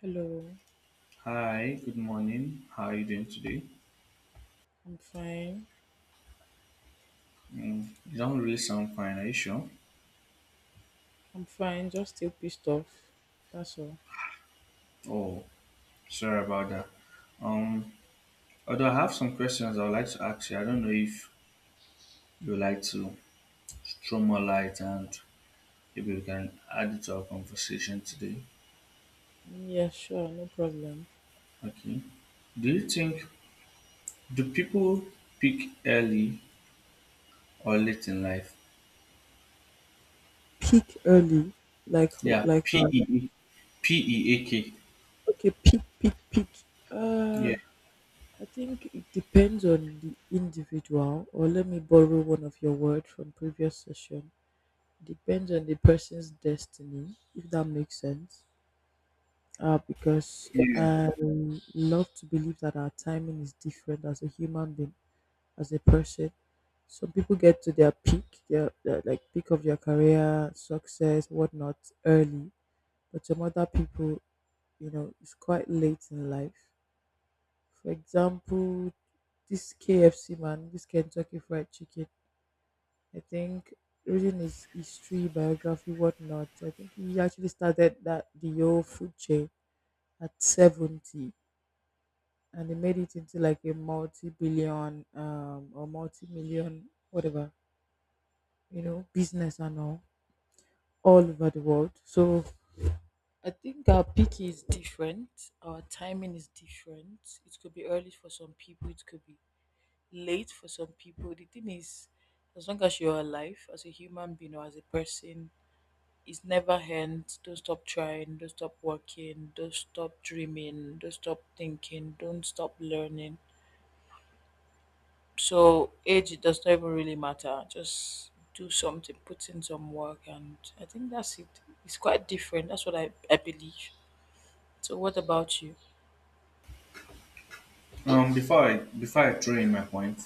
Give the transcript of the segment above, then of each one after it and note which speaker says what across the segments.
Speaker 1: Hello.
Speaker 2: Hi, good morning. How are you doing today?
Speaker 1: I'm fine.
Speaker 2: Mm, you don't really sound fine, are you sure?
Speaker 1: I'm fine. Just still pissed off. That's all.
Speaker 2: Oh, sorry about that. Um, although I have some questions I would like to ask you. I don't know if you would like to throw more light and maybe we can add it to our conversation today.
Speaker 1: Yeah, sure, no problem.
Speaker 2: Okay. Do you think do people pick early or late in life?
Speaker 1: Peak early, like
Speaker 2: Yeah,
Speaker 1: like
Speaker 2: P
Speaker 1: how?
Speaker 2: E E P E A K.
Speaker 1: Okay, peak, peak, peak.
Speaker 2: Yeah,
Speaker 1: Uh, I think it depends on the individual. Or let me borrow one of your words from previous session. Depends on the person's destiny, if that makes sense. Because
Speaker 2: yeah.
Speaker 1: I love to believe that our timing is different as a human being, as a person. Some people get to their peak, their like peak of their career, success, whatnot, early. But some other people, it's quite late in life. For example, this KFC man, this Kentucky Fried Chicken. I think reading his history, biography, whatnot. I think he actually started that the whole food chain at 70, and he made it into like a multi-billion or multi-million whatever, business and all over the world. So I think our peak is different. Our timing is different. It could be early for some people. It could be late for some people. The thing is, as long as you're alive, as a human being or as a person, it's never ends. Don't stop trying. Don't stop working. Don't stop dreaming. Don't stop thinking. Don't stop learning. So age does not even really matter. Just do something, put in some work, and I think that's it. It's quite different. That's what I believe. So what about you?
Speaker 2: Before I throw in my point,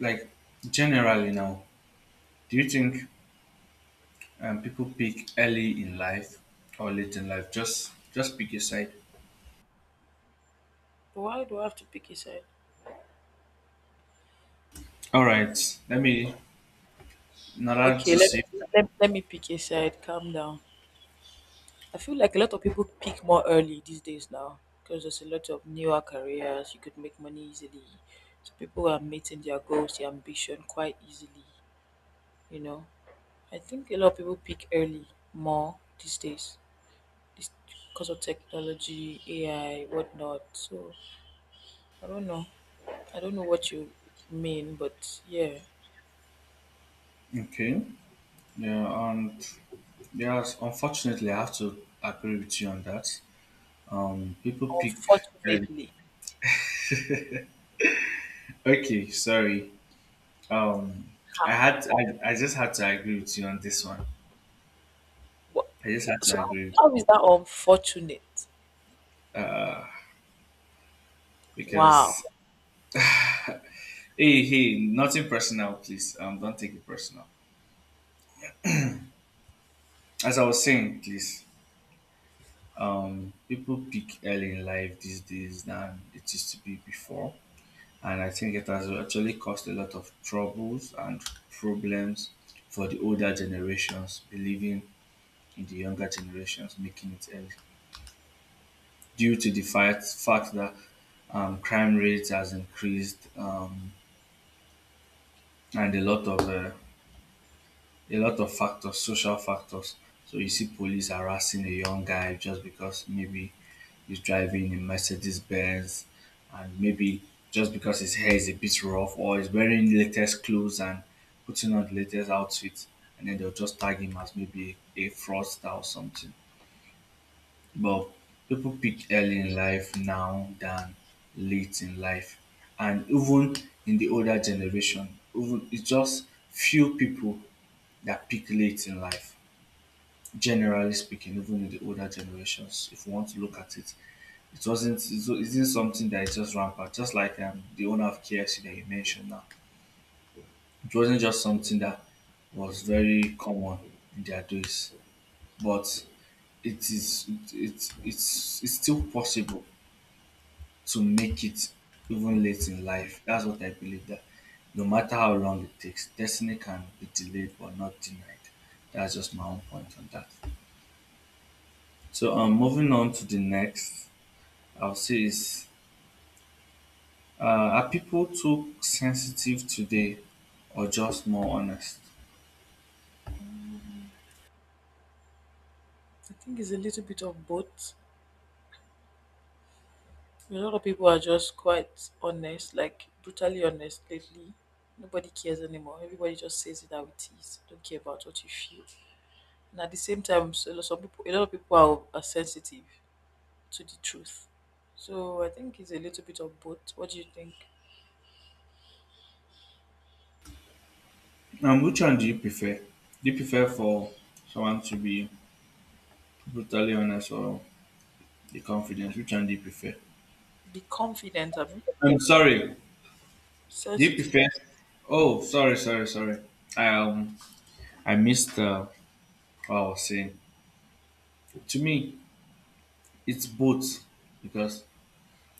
Speaker 2: like generally now, do you think people pick early in life or late in life? Just pick a side.
Speaker 1: Why do I have to pick a side?
Speaker 2: All right. Let me in order
Speaker 1: Okay,
Speaker 2: to
Speaker 1: let,
Speaker 2: save
Speaker 1: let, let me pick a side. Calm down. I feel like a lot of people pick more early these days now because there's a lot of newer careers. You could make money easily. So people are meeting their goals, their ambition quite easily. You know, I think a lot of people pick early more these days. This Because of technology, AI, whatnot. So I don't know. I don't know what you mean, but yeah,
Speaker 2: time. Okay. Yeah. And yes, unfortunately, I have to agree with you on that. People pick early.
Speaker 1: unfortunately.
Speaker 2: Okay. Sorry. Um, I
Speaker 1: Ha,
Speaker 2: had I, I just had to agree with you on this one.
Speaker 1: what?
Speaker 2: I just had to
Speaker 1: So
Speaker 2: agree with
Speaker 1: how is
Speaker 2: you
Speaker 1: that unfortunate?
Speaker 2: because
Speaker 1: Wow.
Speaker 2: hey, hey, nothing personal, please. Don't take it personal. As I was saying, please. People peak early in life these days than it used to be before. And I think it has actually caused a lot of troubles and problems for the older generations believing in the younger generations making it early due to the fact that crime rates has increased and a lot of factors, social factors. So you see police harassing a young guy just because maybe he's driving a Mercedes Benz and maybe just because his hair is a bit rough or he's wearing latest clothes and putting on the latest outfit and then they'll just tag him as maybe a fraudster or something. But people pick early in life now than late in life. And even in the older generation, even it's just few people that pick late in life generally speaking, even in the older generations, if you want to look at it, it wasn't it isn't something that is just rampant. Just like the owner of KFC that you mentioned now, it wasn't just something that was very common in their days, but it is it, it it's still possible to make it even late in life. That's what I believe that no matter how long it takes, destiny can be delayed but not denied. That's just my own point on that. So moving on to the next I'll say is uh, are people too sensitive today or just more honest?
Speaker 1: I think it's a little bit of both. A lot of people are just quite honest, like brutally honest lately. Nobody cares anymore. Everybody just says it how it is. Don't care about what you feel. And at the same time, so some people, a lot of people are sensitive to the truth. So I think it's a little bit of both. What do you think?
Speaker 2: Which one do you prefer? Do you prefer for someone to be brutally honest or the confidence? Which one do you prefer?
Speaker 1: Be confident, I mean,
Speaker 2: I'm sorry. Do you
Speaker 1: sensitive.
Speaker 2: prefer? Oh, sorry, sorry, sorry. I, um, I missed what I was saying. To me, it's both because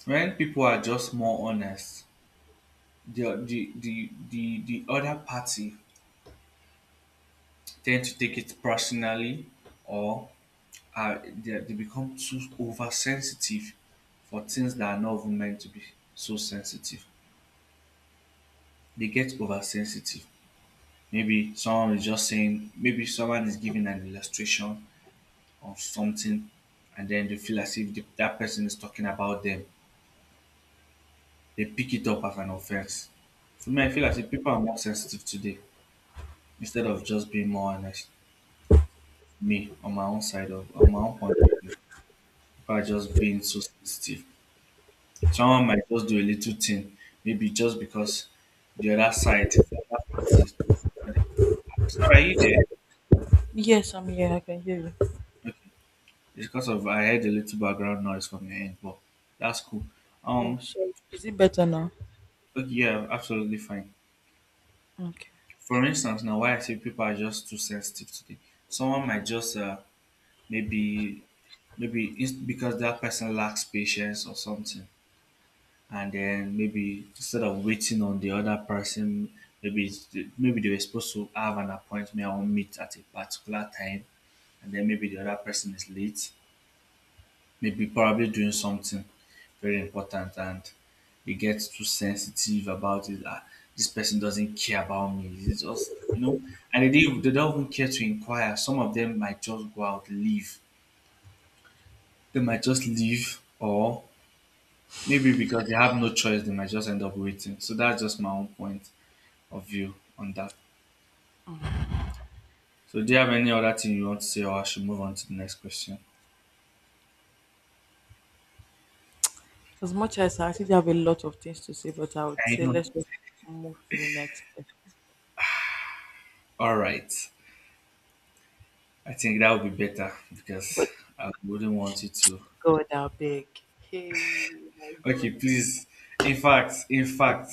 Speaker 2: when people are just more honest, the other party tend to take it personally or are they become too oversensitive for things that are not even meant to be so sensitive. They get oversensitive. Maybe someone is just saying, maybe someone is giving an illustration of something, and then they feel as if that person is talking about them. They pick it up as an offense. For me, I feel as if people are more sensitive today instead of just being more honest. Me, on my own point of view, people are just being so sensitive. Someone might just do a little thing, maybe just because the other side, the other party. Sorry, are you there?
Speaker 1: Yes, I'm here. I can hear you.
Speaker 2: Okay. It's because of I heard a little background noise from your end, but that's cool.
Speaker 1: Oh,
Speaker 2: Um,
Speaker 1: sorry. Is it better now?
Speaker 2: okay, yeah, absolutely fine.
Speaker 1: Okay.
Speaker 2: For instance, now why I say people are just too sensitive today. Someone might just maybe maybe it's because that person lacks patience or something. And then maybe instead of waiting on the other person maybe maybe they were supposed to have an appointment or meet at a particular time and then maybe the other person is late maybe probably doing something very important and they get too sensitive about it, ah, this person doesn't care about me, it's just, you know, and they don't even care to inquire some of them might just go out leave they might just leave or maybe because they have no choice they might just end up waiting so that's just my own point of view on that. So, do you have any other thing you want to say, or I should move on to the next question?
Speaker 1: As much as I actually have a lot of things to say, but I would
Speaker 2: I
Speaker 1: say
Speaker 2: know.
Speaker 1: let's just move to the next one.
Speaker 2: All right. I think that would be better because
Speaker 1: But
Speaker 2: I wouldn't want you to.
Speaker 1: God, how big? Hey, my
Speaker 2: Okay,
Speaker 1: God.
Speaker 2: please. In fact,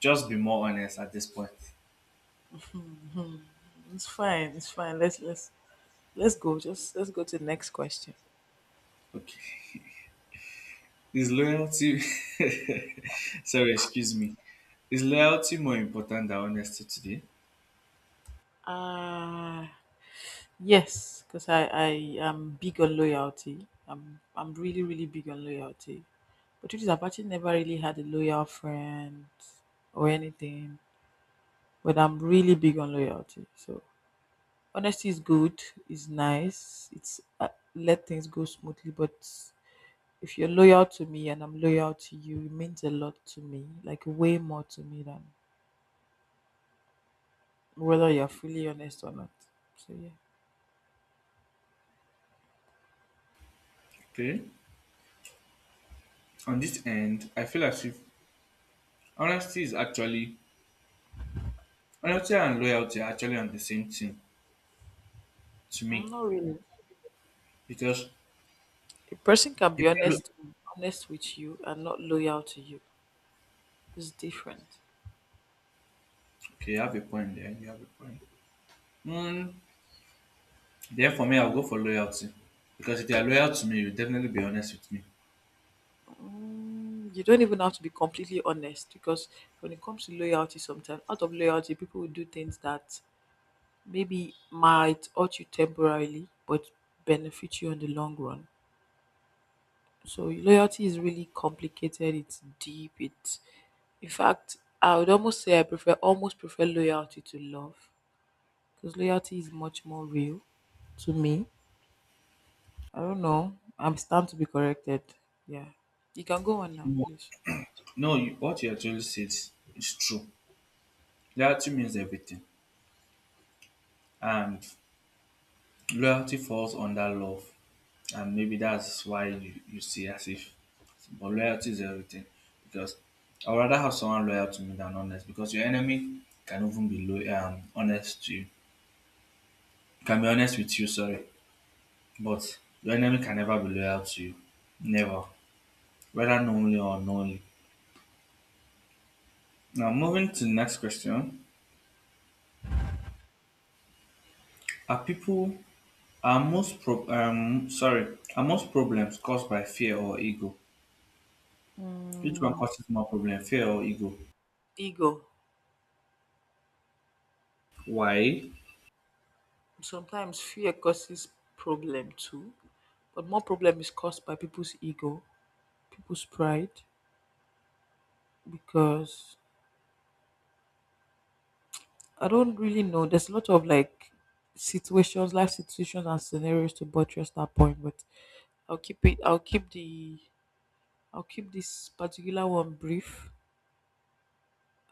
Speaker 2: just be more honest at this point.
Speaker 1: Hmm. It's fine. It's fine. Let's go. Just let's go to the next question.
Speaker 2: Okay. Is loyalty. Sorry, excuse me. Is loyalty more important than honesty today?
Speaker 1: Ah, Yes, because I am big on loyalty. I'm really, really big on loyalty. But it is I've actually never really had a loyal friend or anything. But I'm really big on loyalty. So honesty is good, it's nice, it's let things go smoothly. But if you're loyal to me and I'm loyal to you, it means a lot to me, like way more to me than whether you're fully honest or not. So yeah.
Speaker 2: Okay. On this end, I feel as if honesty is actually honesty and loyalty are actually on the same thing to
Speaker 1: Mm,
Speaker 2: me
Speaker 1: not really.
Speaker 2: because
Speaker 1: A person can
Speaker 2: If
Speaker 1: be
Speaker 2: you're look-
Speaker 1: honest with you and not loyal to you. It's different.
Speaker 2: okay, you have a point there. You have a point. Mm, then for me, I'll go for loyalty because if you are loyal to me, you'll definitely be honest with me.
Speaker 1: Mm, you don't even have to be completely honest because when it comes to loyalty, sometimes out of loyalty, people will do things that maybe might hurt you temporarily but benefit you in the long run. So loyalty is really complicated. It's deep. It's In fact, I would almost say I prefer almost prefer loyalty to love because loyalty is much more real to me. I don't know. I'm stand to be corrected. Yeah. You can go on now,
Speaker 2: No,
Speaker 1: please.
Speaker 2: no, what you actually said is true. Loyalty means everything, and loyalty falls under love, and maybe that's why you see as if, but loyalty is everything because I'd rather have someone loyal to me than honest because your enemy can even be loyal, honest to you, can be honest with you. Sorry. But your enemy can never be loyal to you. Never. Whether knowingly or unknowingly. Now moving to the next question. Are people are most pro- sorry, are most problems caused by fear or ego? Which one causes more problem, fear or ego?
Speaker 1: Ego.
Speaker 2: Why?
Speaker 1: Sometimes fear causes problem too, but more problem is caused by people's ego, people's pride, because I don't really know. There's a lot of like situations, life situations, and scenarios to buttress that point, but I'll keep it. I'll keep the. I'll keep this particular one brief.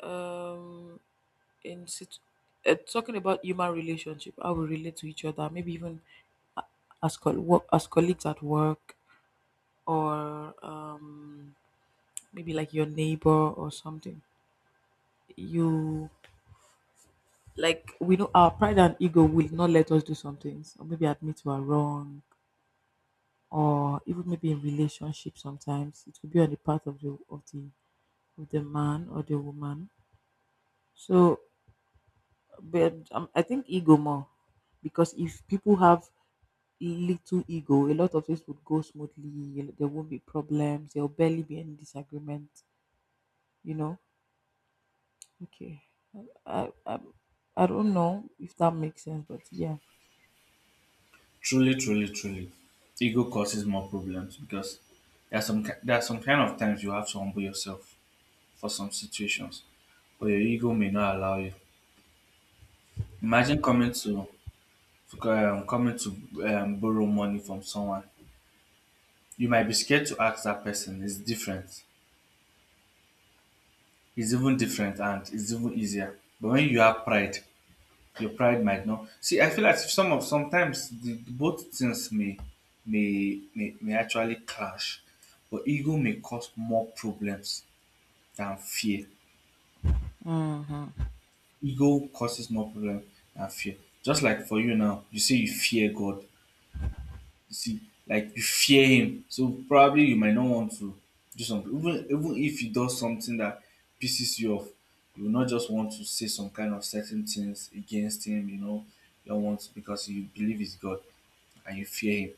Speaker 1: Um, in situ- Talking about human relationship, how we relate to each other, maybe even work, as colleagues at work, or maybe like your neighbor or something. You Like we know our pride and ego will not let us do some things, or maybe admit we are wrong, or even maybe in relationship sometimes it will be on the part of the man or the woman. So, but I think ego more because if people have little ego, a lot of things would go smoothly. There won't be problems. There'll barely be any disagreement. You know. Okay. I I, I don't know if that makes sense, but yeah.
Speaker 2: Truly, truly, truly. Ego causes more problems because there are some kind of times you have to humble yourself for some situations, but your ego may not allow you. Imagine coming to borrow money from someone. You might be scared to ask that person. It's different. It's even different and it's even easier. But when you have pride, your pride might not see. I feel like sometimes both things may actually clash, but ego may cause more problems than fear.
Speaker 1: Mm.
Speaker 2: Ego causes more problems than fear. Just like for you now, you say you fear God. You see, like you fear him. So probably you might not want to do something. Even if he does something that pisses you off, you will not just want to say some kind of certain things against him, you know. You don't want to because you believe he's God and you fear him.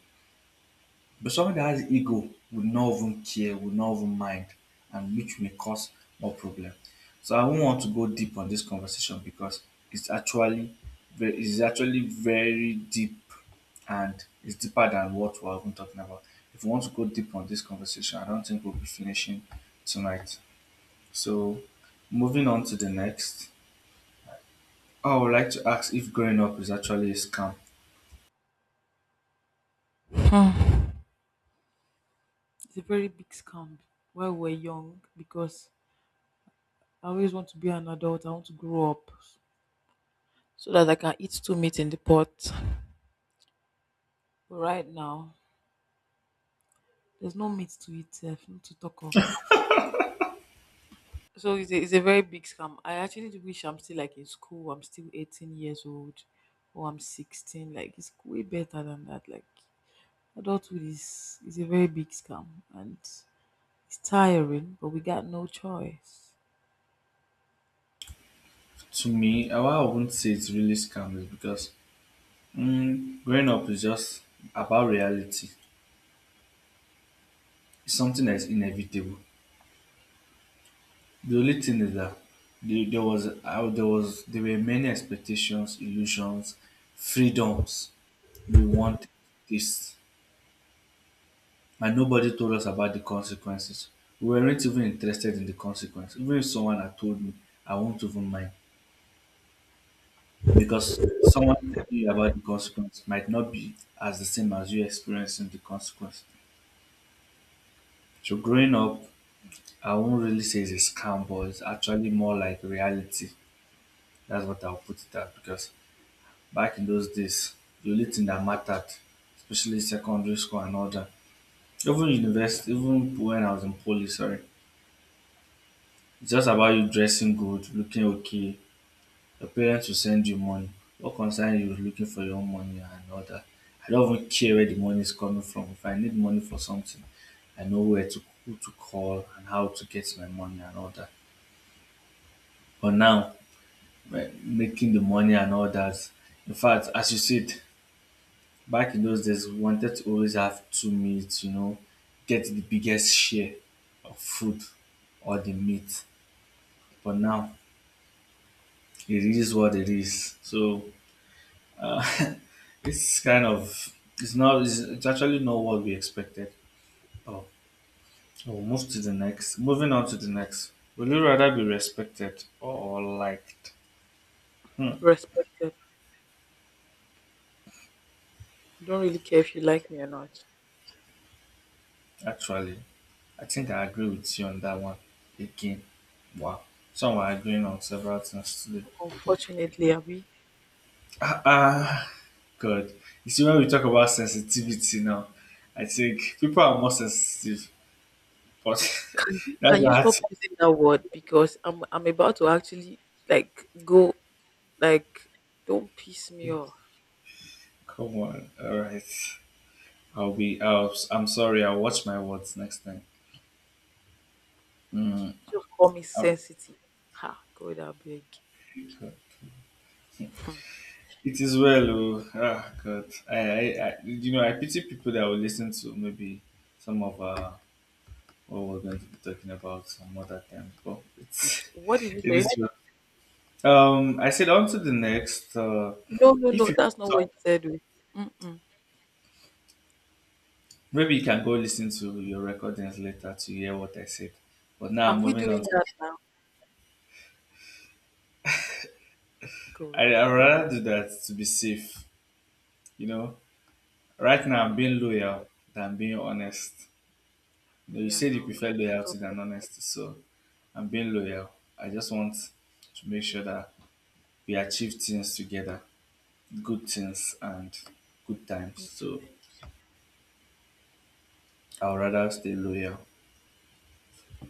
Speaker 2: But someone that has ego would not even care, would not even mind, and which may cause more problem. So I won't want to go deep on this conversation because it's actually it's actually very deep and it's deeper than what we're even talking about. If we want to go deep on this conversation, I don't think we'll be finishing tonight. So moving on to the next. Oh, I would like to ask if growing up is actually a scam.
Speaker 1: It's a very big scam while we're young because I always want to be an adult. I want to grow up so that I can eat two meat in the pot. But right now, there's no meat to eat, sef, not to talk of. So it's a very big scam. I actually do wish I'm still like in school. I'm still 18 years old or I'm 16. Like it's way better than that. Like adulthood is a very big scam and it's tiring, but we got no choice.
Speaker 2: To me, I why I wouldn't say it's really scam is because growing up is just about reality. It's something that's inevitable. The only thing is that there were many expectations, illusions, freedoms we wanted this, and nobody told us about the consequences. We weren't even interested in the consequences. Even if someone had told me, I won't even mind because someone telling you about the consequence might not be as the same as you experiencing the consequence. So growing up I won't really say it's a scam, but it's actually more like reality. That's what I'll put it at because back in those days, the only thing that mattered, especially secondary school and all that, even university, even when I was in poly, sorry, it's just about you dressing good, looking okay. Your parents will send you money. What concern you is looking for your own money and all that. I don't even care where the money is coming from. If I need money for something, I know where to who to call and how to get my money and all that. But now making the money and all that. In fact, as you said, back in those days, we wanted to always have two meats, you know, get the biggest share of food or the meat. But now it is what it is. So uh, it's kind of it's not it's, it's actually not what we expected. Oh, we'll move to the next. Moving on to the next. Would you rather be respected or liked? Hmm.
Speaker 1: Respected. I don't really care if you like me or not.
Speaker 2: Actually, I think I agree with you on that one again. Wow. So we're agreeing on several things today.
Speaker 1: Unfortunately, Abby,
Speaker 2: Ah, ah, God. You see, when we talk about sensitivity now, I think people are more sensitive. But
Speaker 1: can you
Speaker 2: that's
Speaker 1: can you stop
Speaker 2: that.
Speaker 1: using that word because I'm about to actually like go like don't piss me off.
Speaker 2: Come on. All right. I'll be. I'm sorry. I'll watch my words next time. Mm.
Speaker 1: Just call me
Speaker 2: I'll
Speaker 1: sensitive. Ha, God, I beg.
Speaker 2: be good. It is well. Oh, ah, God. I pity people that will listen to maybe some of what we're going to be talking about some other time. But it's,
Speaker 1: What did you
Speaker 2: it is.
Speaker 1: say?
Speaker 2: Well. I said on to the next.
Speaker 1: No, no,
Speaker 2: If
Speaker 1: no,
Speaker 2: you
Speaker 1: that's not what
Speaker 2: talk,
Speaker 1: you said. Oh. Mm-mm.
Speaker 2: maybe you can go listen to your recordings later to hear what I said. But now I'm
Speaker 1: Are we
Speaker 2: moving on.
Speaker 1: doing that now?
Speaker 2: I
Speaker 1: God, I
Speaker 2: I
Speaker 1: beg.
Speaker 2: rather do that to be safe. You know, right now I'm
Speaker 1: We are,
Speaker 2: being loyal than being honest. You, know, you
Speaker 1: we are
Speaker 2: said you
Speaker 1: now.
Speaker 2: prefer
Speaker 1: 'Cause
Speaker 2: loyalty than
Speaker 1: problem.
Speaker 2: honesty, so I'm being loyal. I just want to make sure that we achieve things together, good things and good times.
Speaker 1: is-
Speaker 2: So I will rather stay loyal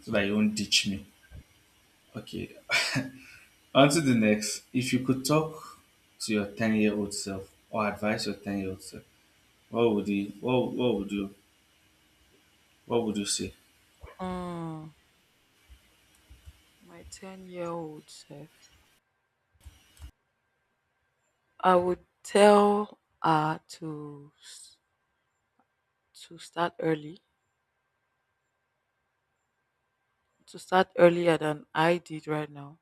Speaker 2: so that you won't ditch me. Okay. On to the next. If you could talk to your 10 year old self or advise your 10 year old self, what would you what would you what would you say?
Speaker 1: Mm, my 10-year-old self. I would tell her to start early, to start earlier than I did right now.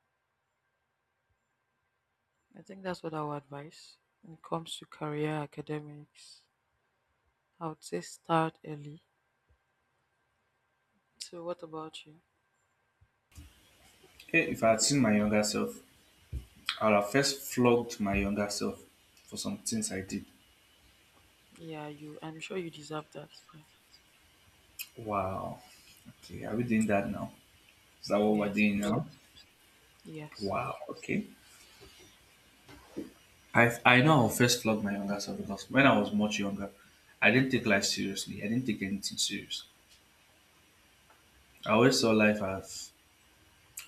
Speaker 1: I think that's what I would advise when it comes to career academics. I would say start early. So, what about you?
Speaker 2: Hey, if I had seen my younger self, I would have first flogged my younger self for some things I did.
Speaker 1: Yeah, you. I'm sure you deserve that. Yeah.
Speaker 2: Wow. Okay, are we doing that now? Is that what we're
Speaker 1: Yes,
Speaker 2: doing now?
Speaker 1: absolutely. Yes.
Speaker 2: Wow, okay. I know I'll first flog my younger self because when I was much younger, I didn't take life seriously. I didn't take anything serious. I always saw life as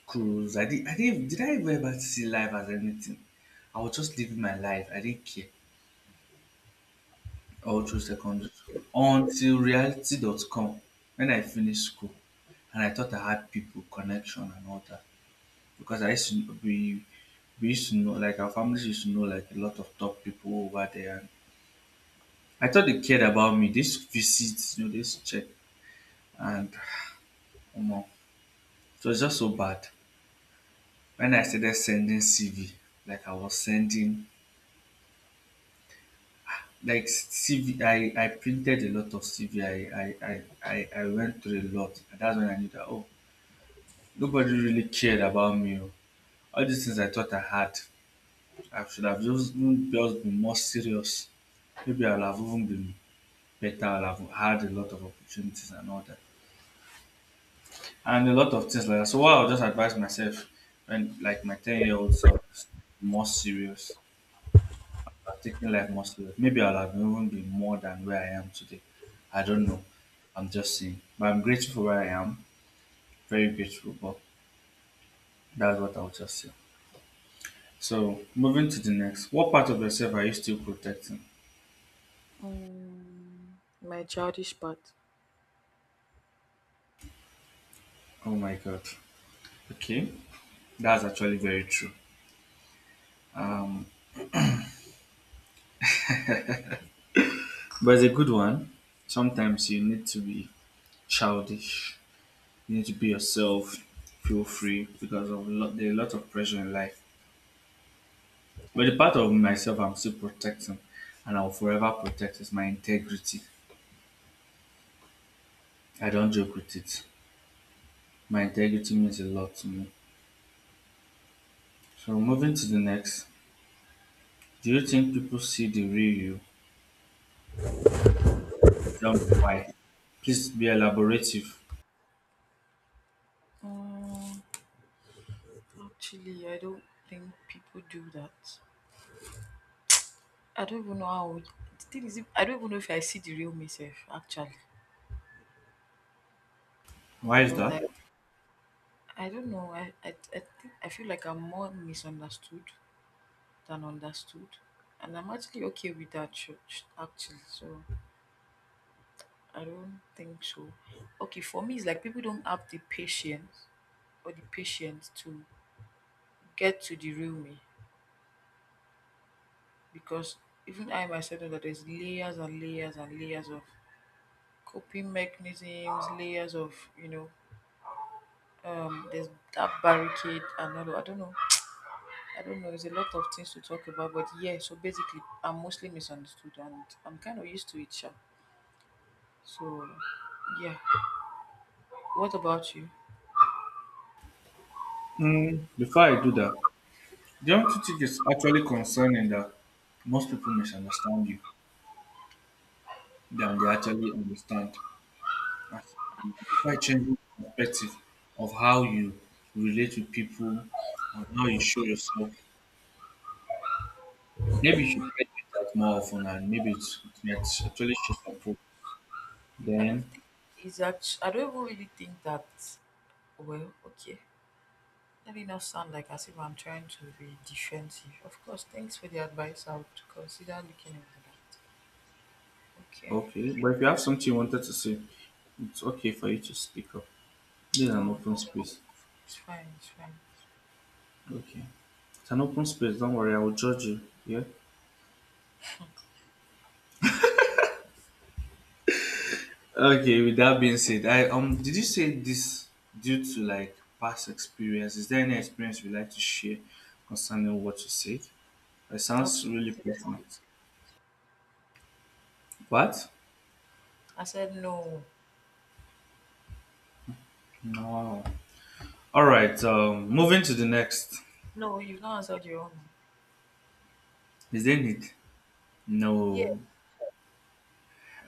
Speaker 2: cruise. I did. I did. Did I ever see life as anything? I was just living my life. I didn't care all through secondary school until reality.com when I finished school and I thought I had people, connection, and all that because I used to kn- we used to know like our families used to know like a lot of top people over there. And I thought they cared about me. This visits, you know, this check and um, it was just so bad when I started sending CV like I was sending like CV, I printed a lot of CV. I, I, I I went through a lot. And that's when I knew that, oh, nobody really cared about me. Oh. All these things I thought I had, I should have just, even just been more serious. Maybe I'll have even been better. I'll have had a lot of opportunities and all that. And a lot of things like that. So what I'll just advise myself when like my 10-year-old self is more serious. Taking life more serious. Maybe I'll have even been more than where I am today. I don't know. I'm just saying. But I'm grateful for where I am. Very grateful. But that's what I'll just say. So moving to the next. What part of yourself are you still protecting?
Speaker 1: My childish part.
Speaker 2: Oh my God. Okay. That's actually very true. Um but it's a good one. Sometimes you need to be childish. You need to be yourself. Feel free because of lot, there are a lot of pressure in life. But the part of myself I'm still protecting and I'll forever protect is my integrity. I don't joke with it. My integrity means a lot to me. So moving to the next, do you think people see the real you and tell me why? Please be elaborative.
Speaker 1: Um, Actually, I don't think people do that. I don't even know how. The thing is, I don't even know if I see the real myself actually.
Speaker 2: Why is
Speaker 1: But I,
Speaker 2: that?
Speaker 1: I don't know. I think I feel like I'm more misunderstood than understood, and I'm actually okay with that. Church, actually, so I don't think so. Okay, for me, it's like people don't have the patience to get to the real me because even I myself know that there's layers and layers and layers of coping mechanisms, layers of you know, there's that barricade and all. I don't know. I don't know. There's a lot of things to talk about, but yeah. So basically, I'm mostly misunderstood, and I'm kind of used to it, sha. So yeah. What about you?
Speaker 2: Mm, before I do that, don't you think it's actually concerning that most people misunderstand you than they actually understand? I think try changing perspective of how you relate with people or how you show yourself. Maybe you should try to do that more often and maybe it might actually show some proof.
Speaker 1: I
Speaker 2: Then
Speaker 1: don't think it's actually. I don't even really think that. Well, okay. Let it not sound like as if I'm trying to be defensive. Of course, thanks for the advice. I would consider looking into that. Okay.
Speaker 2: okay. But if you have something you wanted to say, it's okay for you to speak up. This is an
Speaker 1: No,
Speaker 2: open space.
Speaker 1: it's fine. It's fine.
Speaker 2: Okay. It's an open space, don't worry, I will judge you. Yeah? Okay, with that being said, I did you say this due to like past experience? Is there any experience you'd like to share concerning what you said? It sounds
Speaker 1: Absolutely
Speaker 2: really personal.
Speaker 1: not.
Speaker 2: What?
Speaker 1: I said no.
Speaker 2: No. All right. Moving to the next.
Speaker 1: No, you've not answered your own.
Speaker 2: Is there need?
Speaker 1: Yeah.
Speaker 2: No.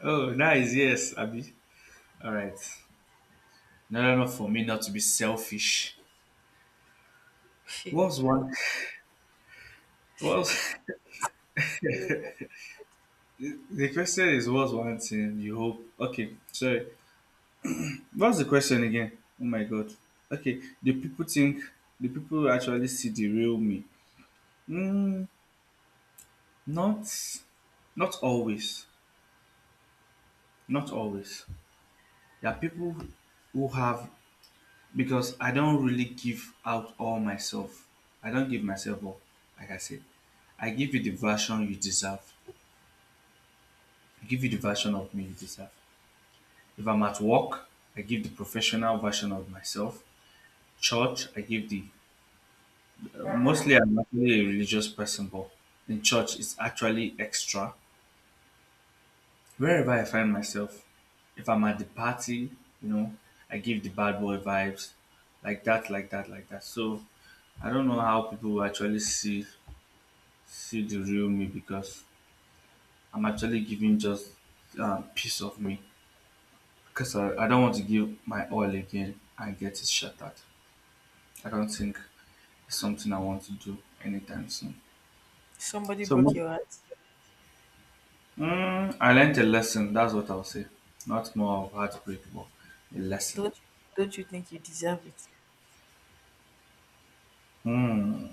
Speaker 2: Oh, nice. Yes, Abby. All right. No. For me, not to be selfish. What's one? Well,
Speaker 1: You go.
Speaker 2: the question is, what's one thing you hope? Okay, sorry. What's the question again? Oh my God. Okay, do people think? Do people actually see the real me? Mm, not, not always. Not always. There are people who have because I don't really give out all myself. I don't give myself all, like I said. I give you the version you deserve. I give you the version of me you deserve. If I'm at work, I give the professional version of myself. Church, I give the mostly I'm actually a religious person, but in church it's actually extra. Wherever I find myself, if I'm at the party, you know, I give the bad boy vibes, like that, like that, like that. So I don't know how people will actually see the real me because I'm actually giving just piece of me because I don't want to give my all again and get it shattered. I don't think it's something I want to do anytime soon.
Speaker 1: Somebody
Speaker 2: So
Speaker 1: broke
Speaker 2: mo-
Speaker 1: your heart.
Speaker 2: mm, I learned a lesson. That's what I'll say. Not more of heartbreak, but a lesson.
Speaker 1: Don't you, don't you think you deserve it?
Speaker 2: Hmm.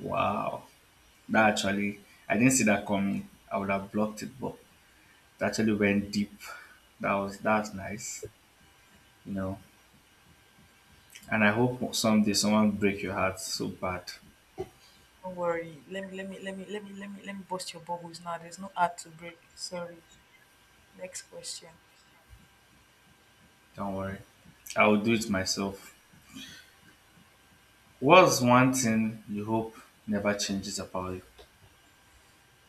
Speaker 2: Wow. That actually, I didn't see that coming. I would have blocked it, but that actually went deep. That's nice, you know. And I hope someday someone break your heart so bad.
Speaker 1: Don't worry. Let me bust your bubbles now. There's no heart to break. Sorry. Next question.
Speaker 2: Don't worry, I will do it myself. What's one thing you hope never changes about you?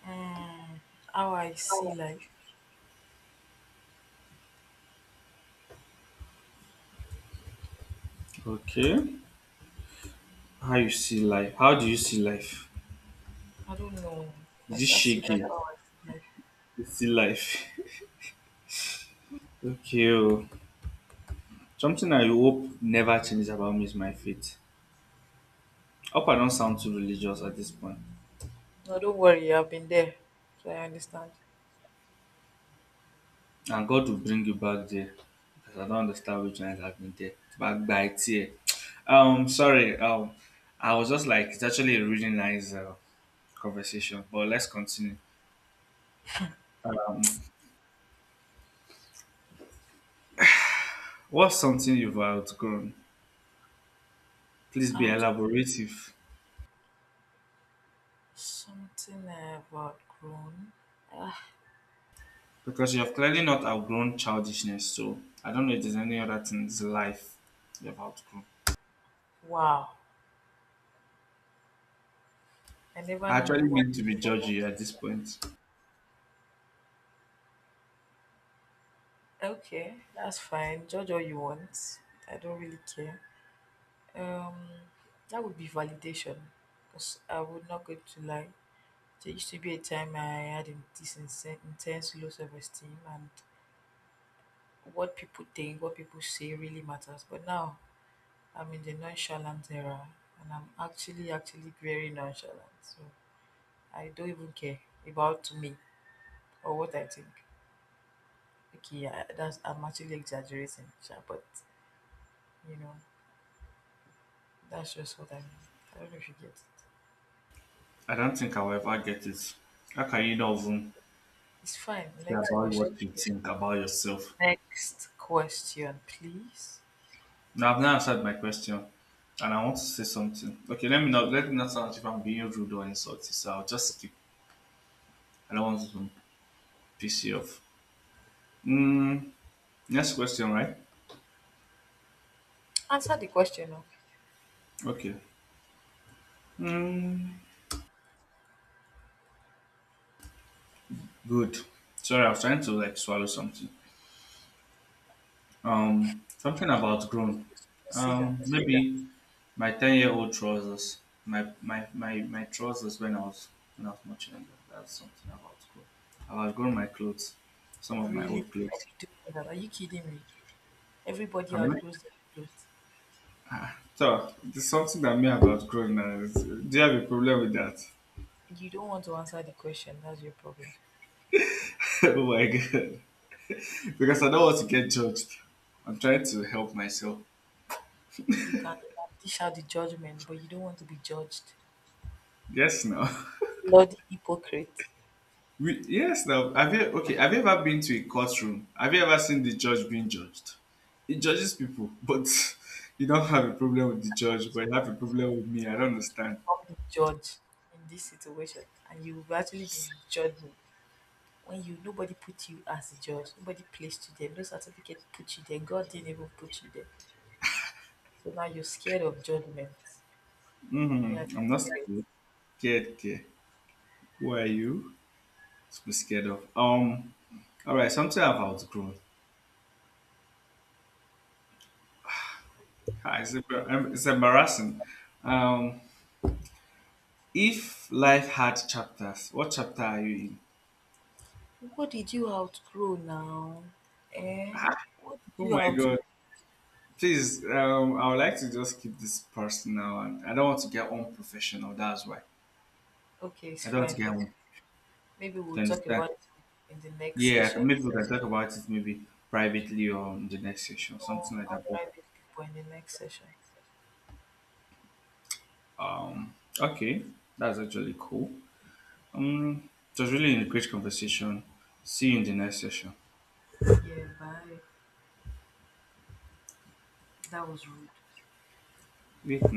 Speaker 1: Mm, how I see life.
Speaker 2: Okay, how you see life? How do you see life?
Speaker 1: I don't know. I
Speaker 2: Is it
Speaker 1: shall see
Speaker 2: shaky?
Speaker 1: life how I see life.
Speaker 2: You see life? Okay, oh. Something I hope never changes about me is my faith. Hope I don't sound too religious at this point.
Speaker 1: No, don't worry. I've been there, so I understand.
Speaker 2: Na God will bring you back there because I don't understand which ones have been there. Back by tear. Sorry. I was just like, it's actually a really nice conversation, but let's continue. What's something you've outgrown? Please be
Speaker 1: How
Speaker 2: elaborative
Speaker 1: Something I've outgrown. Ah,
Speaker 2: because you have clearly not outgrown childishness. So I don't know if there's any other things in life you've outgrown.
Speaker 1: wow. I never
Speaker 2: I
Speaker 1: knew
Speaker 2: actually
Speaker 1: you want.
Speaker 2: mean to be judgy at this point.
Speaker 1: Okay, that's fine. Judge all you want. I don't really care. Um, that would be validation. Because I would not go to lie. There used to be a time I had this intense low self esteem, and what people think, what people say really matters. But now I'm in the nonchalant era, and I'm actually very nonchalant. So I don't even care about me or what I think. Okay, yeah, that's I'm actually exaggerating, sha, but you know, that's just what I mean. I don't know if you get it.
Speaker 2: I don't think I'll ever get it. How can you not even
Speaker 1: It's fine.
Speaker 2: care
Speaker 1: Next
Speaker 2: about
Speaker 1: question.
Speaker 2: what you think about yourself?
Speaker 1: Next question, please.
Speaker 2: No, I've not answered my question, and I want to say something. Okay, let me not sound as if I'm being rude or insulting. So I'll just skip. I don't want to piss you off. Mm, next question, right?
Speaker 1: Answer the question. No.
Speaker 2: Okay. Mm, good. Sorry, I was trying to like swallow something. Something about grown.
Speaker 1: Don't say that.
Speaker 2: That's okay. Maybe my ten-year-old trousers. My trousers when I was much younger. That's something about grown. I've outgrown my clothes. Some of my
Speaker 1: Really?
Speaker 2: old
Speaker 1: Are
Speaker 2: clothes.
Speaker 1: we doing that? Are you kidding me? Everybody
Speaker 2: I'm
Speaker 1: outgrows their clothes.
Speaker 2: so there's something that me have outgrown now. Is, do you have a problem with that?
Speaker 1: You don't want to answer the question. That's your problem.
Speaker 2: oh my God! Because I don't want to get judged. I'm trying to help myself.
Speaker 1: You can dish out the judgment, but you don't want to be judged.
Speaker 2: Yes, now.
Speaker 1: Bloody hypocrite.
Speaker 2: We, yes, now. Have you okay? Have you ever been to a courtroom? Have you ever seen the judge being judged? He judges people, but you don't have a problem with the judge, but you
Speaker 1: So
Speaker 2: have a problem with me. I don't understand.
Speaker 1: come the judge in this situation, and you've actually been judging. When you Nobody put you as a judge, nobody placed you there, no certificate put you there, God didn't even put you there. So now you're scared of judgment. Yeah.
Speaker 2: I'm not scared. Scared, care. Who are you to be scared of? All right. Something I've outgrown. Ah, it's, embar- it's embarrassing. Um, if life had chapters, what chapter are you in?
Speaker 1: What did you outgrow now? Eh?
Speaker 2: Ah,
Speaker 1: What did
Speaker 2: oh
Speaker 1: you
Speaker 2: my
Speaker 1: out?
Speaker 2: God. Please, I would like to just keep this personal and I don't want to get unprofessional. That's why.
Speaker 1: Okay, it's
Speaker 2: I don't want to
Speaker 1: fine. Eh,
Speaker 2: get one.
Speaker 1: maybe
Speaker 2: You
Speaker 1: we'll talk
Speaker 2: understand?
Speaker 1: about it in the next
Speaker 2: Yeah,
Speaker 1: session.
Speaker 2: maybe we can talk about it maybe privately or in the next session,
Speaker 1: No,
Speaker 2: something like
Speaker 1: not
Speaker 2: that.
Speaker 1: privately, but in the next session.
Speaker 2: Um, okay, that's actually cool. Um, it was really a great conversation. See you in the next session.
Speaker 1: Yeah, bye. That was rude.
Speaker 2: Wait, no.